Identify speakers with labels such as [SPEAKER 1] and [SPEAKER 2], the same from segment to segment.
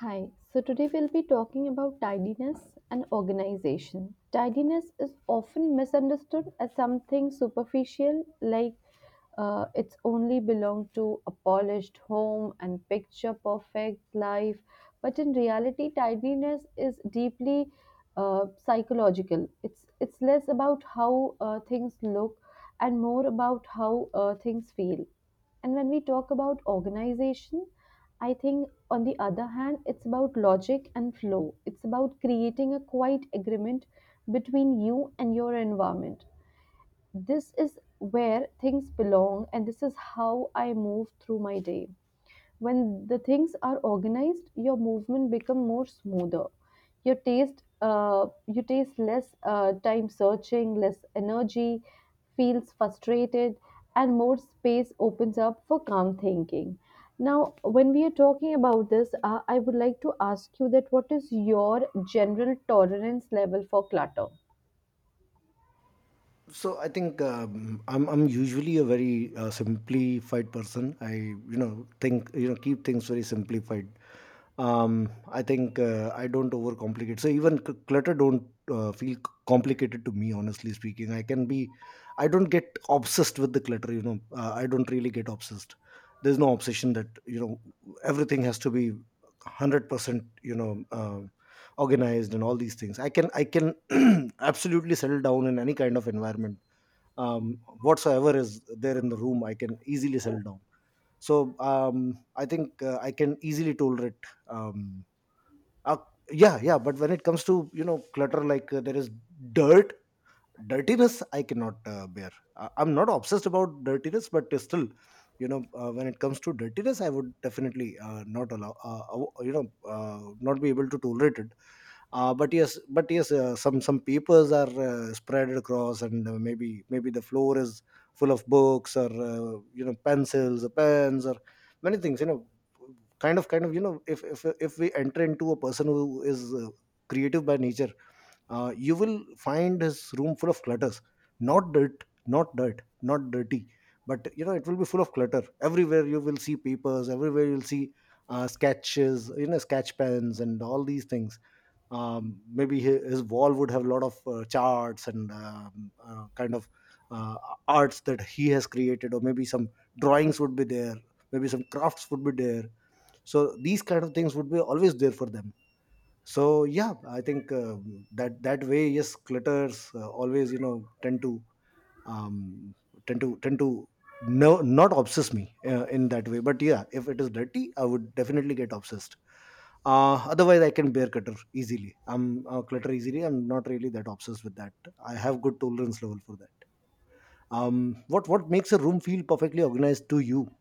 [SPEAKER 1] Hi, so today we'll be talking about tidiness and organization. Tidiness is often misunderstood as something superficial, like it's only belong to a polished home and picture perfect life. But in reality, tidiness is deeply psychological. It's less about how things look and more about how things feel. And when we talk about organization, I think on the other hand, it's about logic and flow. It's about creating a quiet agreement between you and your environment. This is where things belong, and this is how I move through my day. When the things are organized, your movement become more smoother. You taste less time searching, less energy feels frustrated, and more space opens up for calm thinking. Now when we are talking about this, I would like to ask you that what is your general tolerance level for clutter?
[SPEAKER 2] So I think I'm usually a very simplified person. I think, keep things very simplified. I think I don't overcomplicate. So even clutter don't feel complicated to me. Honestly speaking, I can be. I don't get obsessed with the clutter. I don't really get obsessed. There's no obsession that everything has to be 100%, organized and all these things. I can absolutely settle down in any kind of environment. Um, whatsoever is there in the room, I can easily settle down. So I think I can easily tolerate. Um, uh, yeah, yeah, but when it comes to clutter, like, there is dirt, dirtiness I cannot bear. I'm not obsessed about dirtiness, but still, when it comes to dirtiness, I would definitely not allow, not be able to tolerate it. But yes, some papers are spread across, and maybe the floor is full of books, or pencils or pens or many things. Kind of, if we enter into a person who is creative by nature, you will find his room full of clutters. Not dirt, not dirt, not dirty, but it will be full of clutter. Everywhere you will see papers, everywhere you'll see sketches, sketch pens and all these things. Maybe his wall would have a lot of charts and, kind of uh, arts that he has created, or maybe some drawings would be there, maybe some crafts would be there. So these kind of things would be always there for them. So yeah, I think that way, yes, clutters always, tend to um, tend to tend to no, not obsess me in that way. But yeah, if it is dirty, I would definitely get obsessed. Otherwise, I can bear clutter easily. I'm not really that obsessed with that. I have good tolerance level for that. What makes a room feel perfectly organized to you?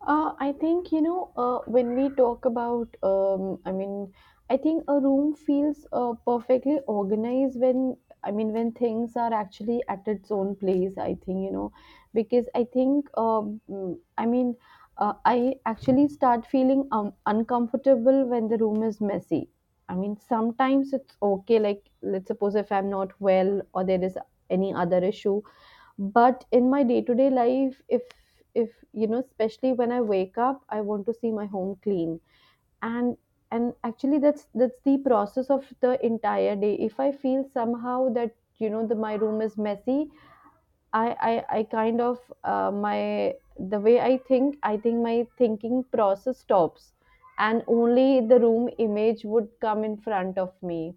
[SPEAKER 1] I think, you know, when we talk about, I mean, I think a room feels perfectly organized when, I mean, when things are actually at its own place, I think, you know, because I think, I mean, I actually start feeling uncomfortable when the room is messy. I mean, sometimes it's okay, like, let's suppose if I'm not well or there is any other issue, but in my day-to-day life, if you know, especially when I wake up, I want to see my home clean. And and actually that's the process of the entire day. If I feel somehow that you know the my room is messy, I kind of, my the way I think my thinking process stops and only the room image would come in front of me.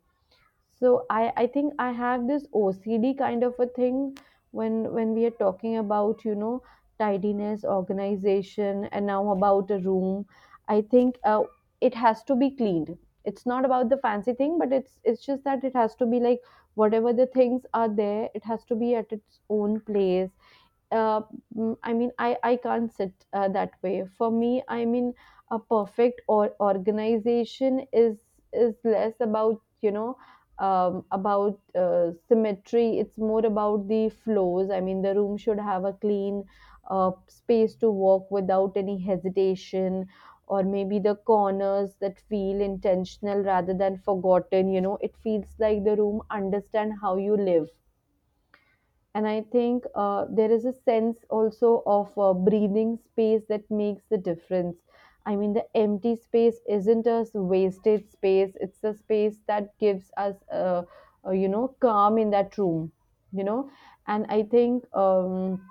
[SPEAKER 1] So I think I have this OCD kind of a thing. When we are talking about, you know, tidiness, organization, and now about a room. I think it has to be cleaned. It's not about the fancy thing, but it's just that it has to be like whatever the things are there, it has to be at its own place. uh, I mean, I can't sit that way. For me, I mean, a perfect or organization is less about, you know, about symmetry. It's more about the flows. I mean, the room should have a clean space to walk without any hesitation, or maybe the corners that feel intentional rather than forgotten. You know, it feels like the room understand how you live. And I think there is a sense also of breathing space that makes the difference. I mean, the empty space isn't a wasted space, it's a space that gives us, you know, calm in that room, you know. And I think,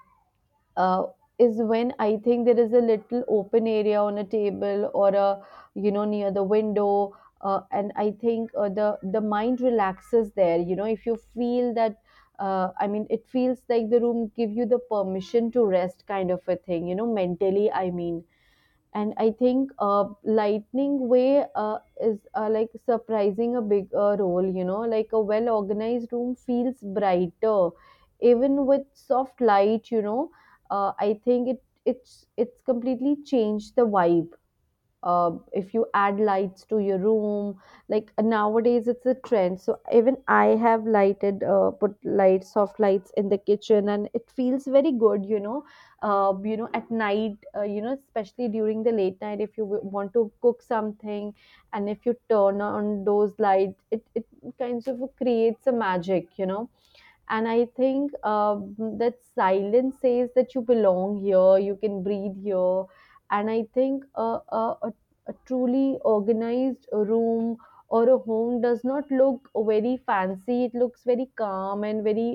[SPEAKER 1] uh, is when I think there is a little open area on a table or a, you know, near the window, and I think the mind relaxes there. You know, if you feel that. I mean, it feels like the room give you the permission to rest, kind of a thing. You know, mentally, I mean. And I think lightning way is like surprising a big role, you know, like a well organized room feels brighter even with soft light, you know. I think it's completely changed the vibe if you add lights to your room. Like nowadays it's a trend, so even I have lighted put lights, soft lights in the kitchen, and it feels very good, you know. You know, at night, you know, especially during the late night, if you want to cook something, and if you turn on those lights, it kind of creates a magic, you know. And I think that silence says that you belong here, you can breathe here. And I think, a truly organized room or a home does not look very fancy, it looks very calm and very.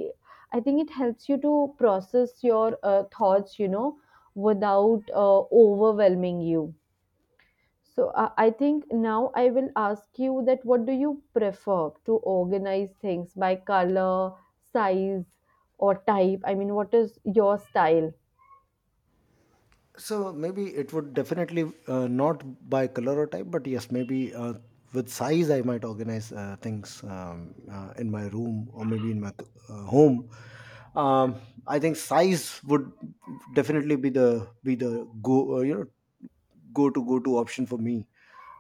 [SPEAKER 1] I think it helps you to process your thoughts, you know, without overwhelming you. So I think now I will ask you that what do you prefer to organize things by color, size, or type? I mean, what is your style?
[SPEAKER 2] So maybe it would definitely not by color or type, but yes, maybe with size I might organize things, in my room or maybe in my home. Um, I think size would definitely be the go you know go to option for me.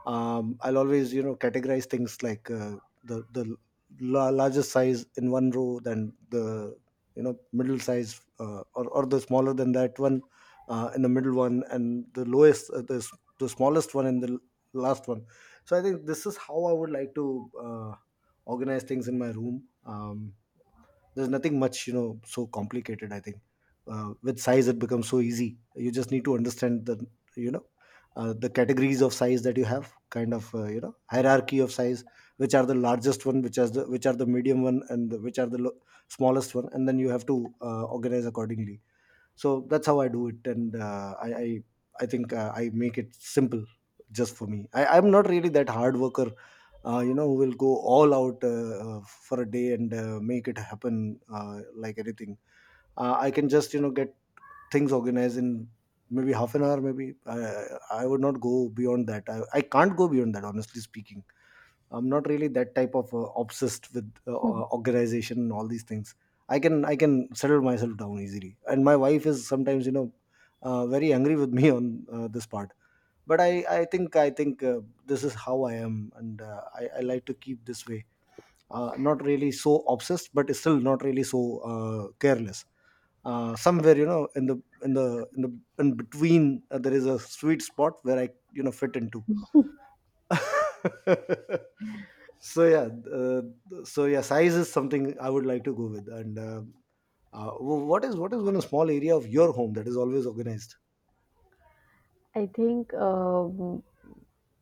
[SPEAKER 2] I'll always, categorize things like, the largest size in one row, then the, middle size, or the smaller than that one, in the middle one, and the smallest one, and the last one. So I think this is how I would like to organize things in my room. There's nothing much, so complicated, I think. With size it becomes so easy, you just need to understand the you know the categories of size that you have, kind of hierarchy of size, which are the largest one, which are the medium one, and which are the smallest one, and then you have to organize accordingly. So that's how I do it, and I think I make it simple. Just for me, I'm not really that hard worker, who will go all out, for a day, and make it happen, like anything. I can just, get things organized in maybe half an hour, maybe i I would not go beyond that. I can't go beyond that, honestly speaking. I'm not really that type of obsessed with organization and all these things. I can settle myself down easily, and my wife is sometimes, very angry with me on this part. But I think this is how I am, and I like to keep this way. Not really so obsessed, but still not really so careless. Somewhere, in the in between, there is a sweet spot where I, fit into. So yeah, uh, size is something I would like to go with, and what is one small area of your home that is always organized?
[SPEAKER 1] I think,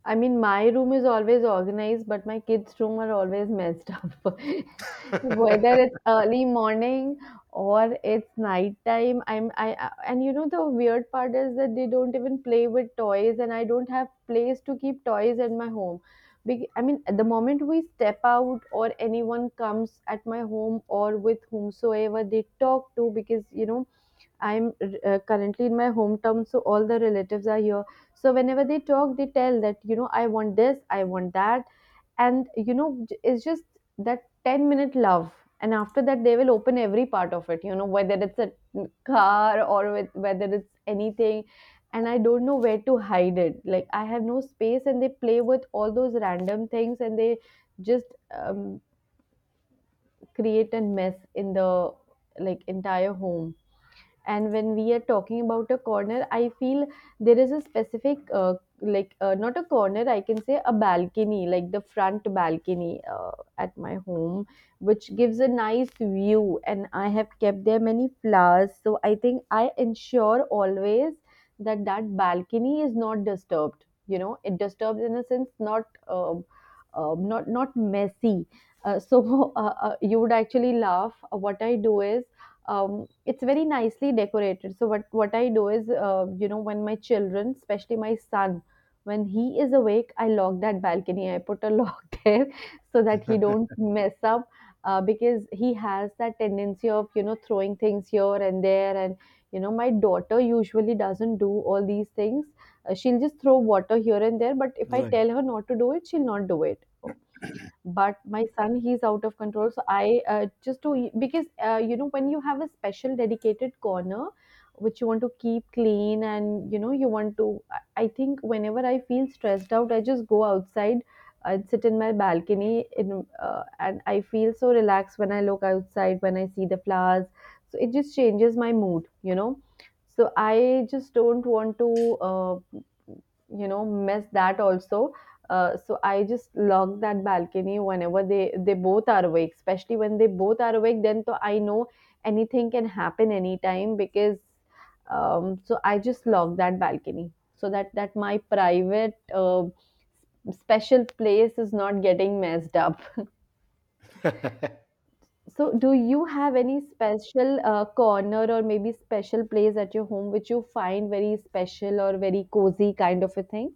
[SPEAKER 1] I mean, my room is always organized, but my kids' room are always messed up. Whether it's early morning or it's nighttime, and you know the weird part is that they don't even play with toys, and I don't have place to keep toys in my home. I mean, the moment we step out or anyone comes at my home or with whomsoever they talk to, because you know I'm currently in my hometown, so all the relatives are here. So whenever they talk, they tell that, you know, I want this, I want that. And, you know, it's just that 10-minute love. And after that, they will open every part of it, you know, whether it's a car or whether it's anything. And I don't know where to hide it. Like, I have no space, and they play with all those random things and they just, um, create a mess in the, like, entire home. And when we are talking about a corner, I feel there is a specific, like, not a corner, I can say a balcony, like the front balcony at my home, which gives a nice view, and I have kept there many flowers. So I think I ensure always that that balcony is not disturbed, you know, it disturbs in a sense, not, not messy. So you would actually laugh. What I do is, it's very nicely decorated. So what I do is, you know, when my children, especially my son, when he is awake, I lock that balcony. I put a lock there so that he don't mess up, because he has that tendency of, you know, throwing things here and there, and you know my daughter usually doesn't do all these things. She'll just throw water here and there, but if I
[SPEAKER 2] Right.
[SPEAKER 1] tell her not to do it, she'll not do it. But my son, he's out of control, so I just to because you know when you have a special dedicated corner which you want to keep clean, and you know you want to, I think whenever I feel stressed out I just go outside and sit in my balcony in, and I feel so relaxed when I look outside, when I see the flowers, so it just changes my mood, you know. So I just don't want to, uh, you know, mess that also. So I just lock that balcony whenever they both are awake. Especially when they both are awake, then so I know anything can happen anytime because, so I just lock that balcony so that my private special place is not getting messed up. So, do you have any special corner or maybe special place at your home which you find very special or very cozy kind of a thing?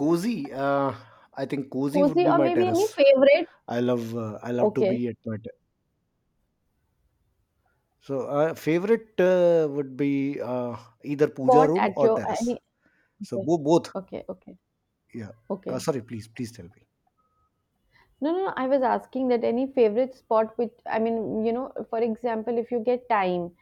[SPEAKER 2] Cozy. uh, I think cozy would
[SPEAKER 1] Cozy
[SPEAKER 2] be
[SPEAKER 1] or
[SPEAKER 2] my
[SPEAKER 1] maybe any
[SPEAKER 2] terrace.
[SPEAKER 1] favorite?
[SPEAKER 2] I love to
[SPEAKER 1] Okay.
[SPEAKER 2] be at my So favorite would be, either puja
[SPEAKER 1] Spot
[SPEAKER 2] room
[SPEAKER 1] at
[SPEAKER 2] or
[SPEAKER 1] your
[SPEAKER 2] terrace.
[SPEAKER 1] any.
[SPEAKER 2] So
[SPEAKER 1] Okay,
[SPEAKER 2] both.
[SPEAKER 1] okay, okay,
[SPEAKER 2] Yeah.
[SPEAKER 1] okay.
[SPEAKER 2] Sorry, please tell me.
[SPEAKER 1] No, no, no. I was asking that any favorite spot which, I mean, you know, for example, if you get time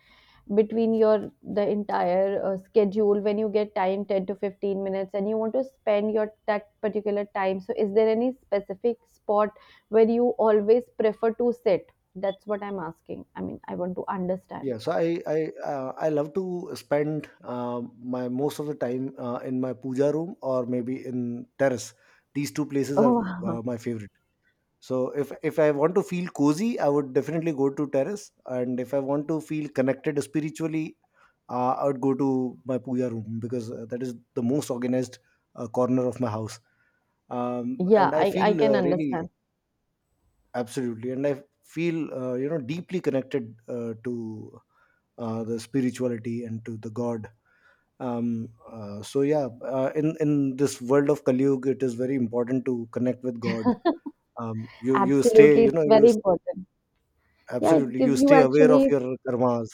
[SPEAKER 1] between your the entire schedule, when you get time, 10 to 15 minutes, and you want to spend your that particular time. So, is there any specific spot where you always prefer to sit? That's what I'm asking. I mean, I want to understand.
[SPEAKER 2] Yeah, so I love to spend my most of the time in my puja room or maybe in terrace. These two places are
[SPEAKER 1] Oh, wow.
[SPEAKER 2] my favorite. So if I want to feel cozy, I would definitely go to terrace, and if I want to feel connected spiritually, I would go to my puja room because that is the most organized corner of my house.
[SPEAKER 1] Yeah,
[SPEAKER 2] And I
[SPEAKER 1] I
[SPEAKER 2] feel
[SPEAKER 1] can
[SPEAKER 2] really,
[SPEAKER 1] understand.
[SPEAKER 2] absolutely, and I feel, deeply connected to, the spirituality and to the God. um so yeah, in this world of Kali Yuga, it is very important to connect with God. um you, you stay
[SPEAKER 1] Absolutely,
[SPEAKER 2] you
[SPEAKER 1] it's
[SPEAKER 2] know you
[SPEAKER 1] very
[SPEAKER 2] s-
[SPEAKER 1] important. Yeah, it
[SPEAKER 2] absolutely, you
[SPEAKER 1] gives you
[SPEAKER 2] stay aware of
[SPEAKER 1] actually.
[SPEAKER 2] your karmas.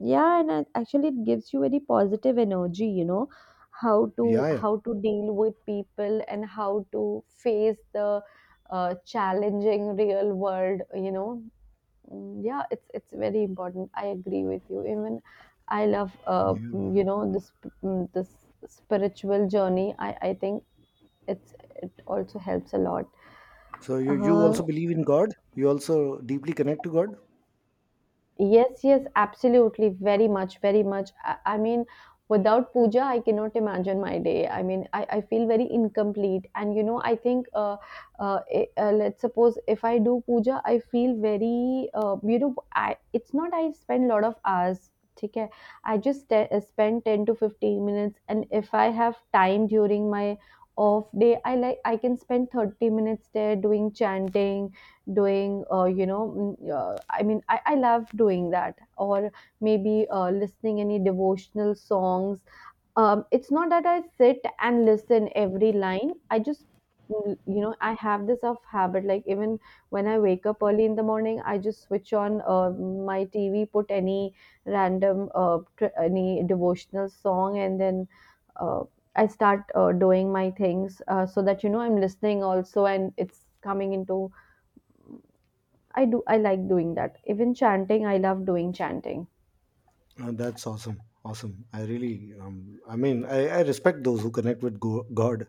[SPEAKER 1] Yeah, and actually it gives you very positive energy, you know, how to
[SPEAKER 2] Yeah, yeah,
[SPEAKER 1] how to deal with people and how to face the challenging real world, you know. Mm, yeah, it's very important, I agree with you. Even I love, you
[SPEAKER 2] yeah.
[SPEAKER 1] know, this spiritual journey, I think it's, it also helps a lot.
[SPEAKER 2] So you,
[SPEAKER 1] uh,
[SPEAKER 2] also believe in God? You also deeply connect to God?
[SPEAKER 1] Yes, yes, absolutely. Very much, very much. I mean, without puja, I cannot imagine my day. I mean, I feel very incomplete. And, you know, I think, let's suppose if I do puja, I feel very, you know, it's not I spend a lot of hours. Okay? I just spend 10 to 15 minutes. And if I have time during my off day, I like, I can spend 30 minutes there doing chanting, doing you know, I mean, I love doing that. Or maybe listening any devotional songs. It's not that I sit and listen every line, I just, you know, I have this of habit, like even when I wake up early in the morning I just switch on my TV, put any random, any devotional song, and then uh, I start doing my things, so that you know I'm listening also and it's coming into. I like doing that. Even chanting, I love doing chanting.
[SPEAKER 2] That's awesome. I really, um, I mean, I respect those who connect with God.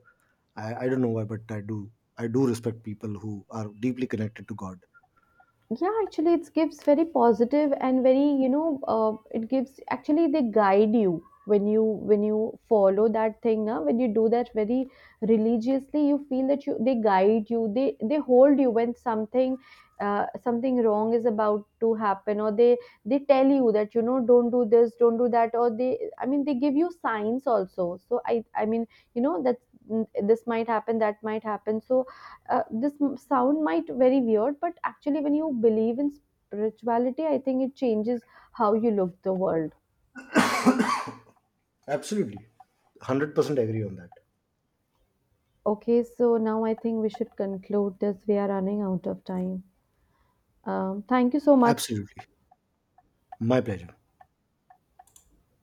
[SPEAKER 2] I don't know why, but I do. I do respect people who are deeply connected to God.
[SPEAKER 1] Yeah, actually it gives very positive and very, you know, it gives actually they guide you, when you follow that thing. Now when you do that very religiously, you feel that you, they guide you, they hold you when something, something wrong is about to happen. Or they tell you that you know don't do this, don't do that, or they, I mean, they give you signs also. So I mean, you know that, this might happen, that might happen. So this sound might very weird, but actually when you believe in spirituality, I think it changes how you look the world.
[SPEAKER 2] Absolutely. 100% agree on that.
[SPEAKER 1] Okay, so now I think we should conclude this, we are running out of time. Thank you so much.
[SPEAKER 2] Absolutely. My pleasure.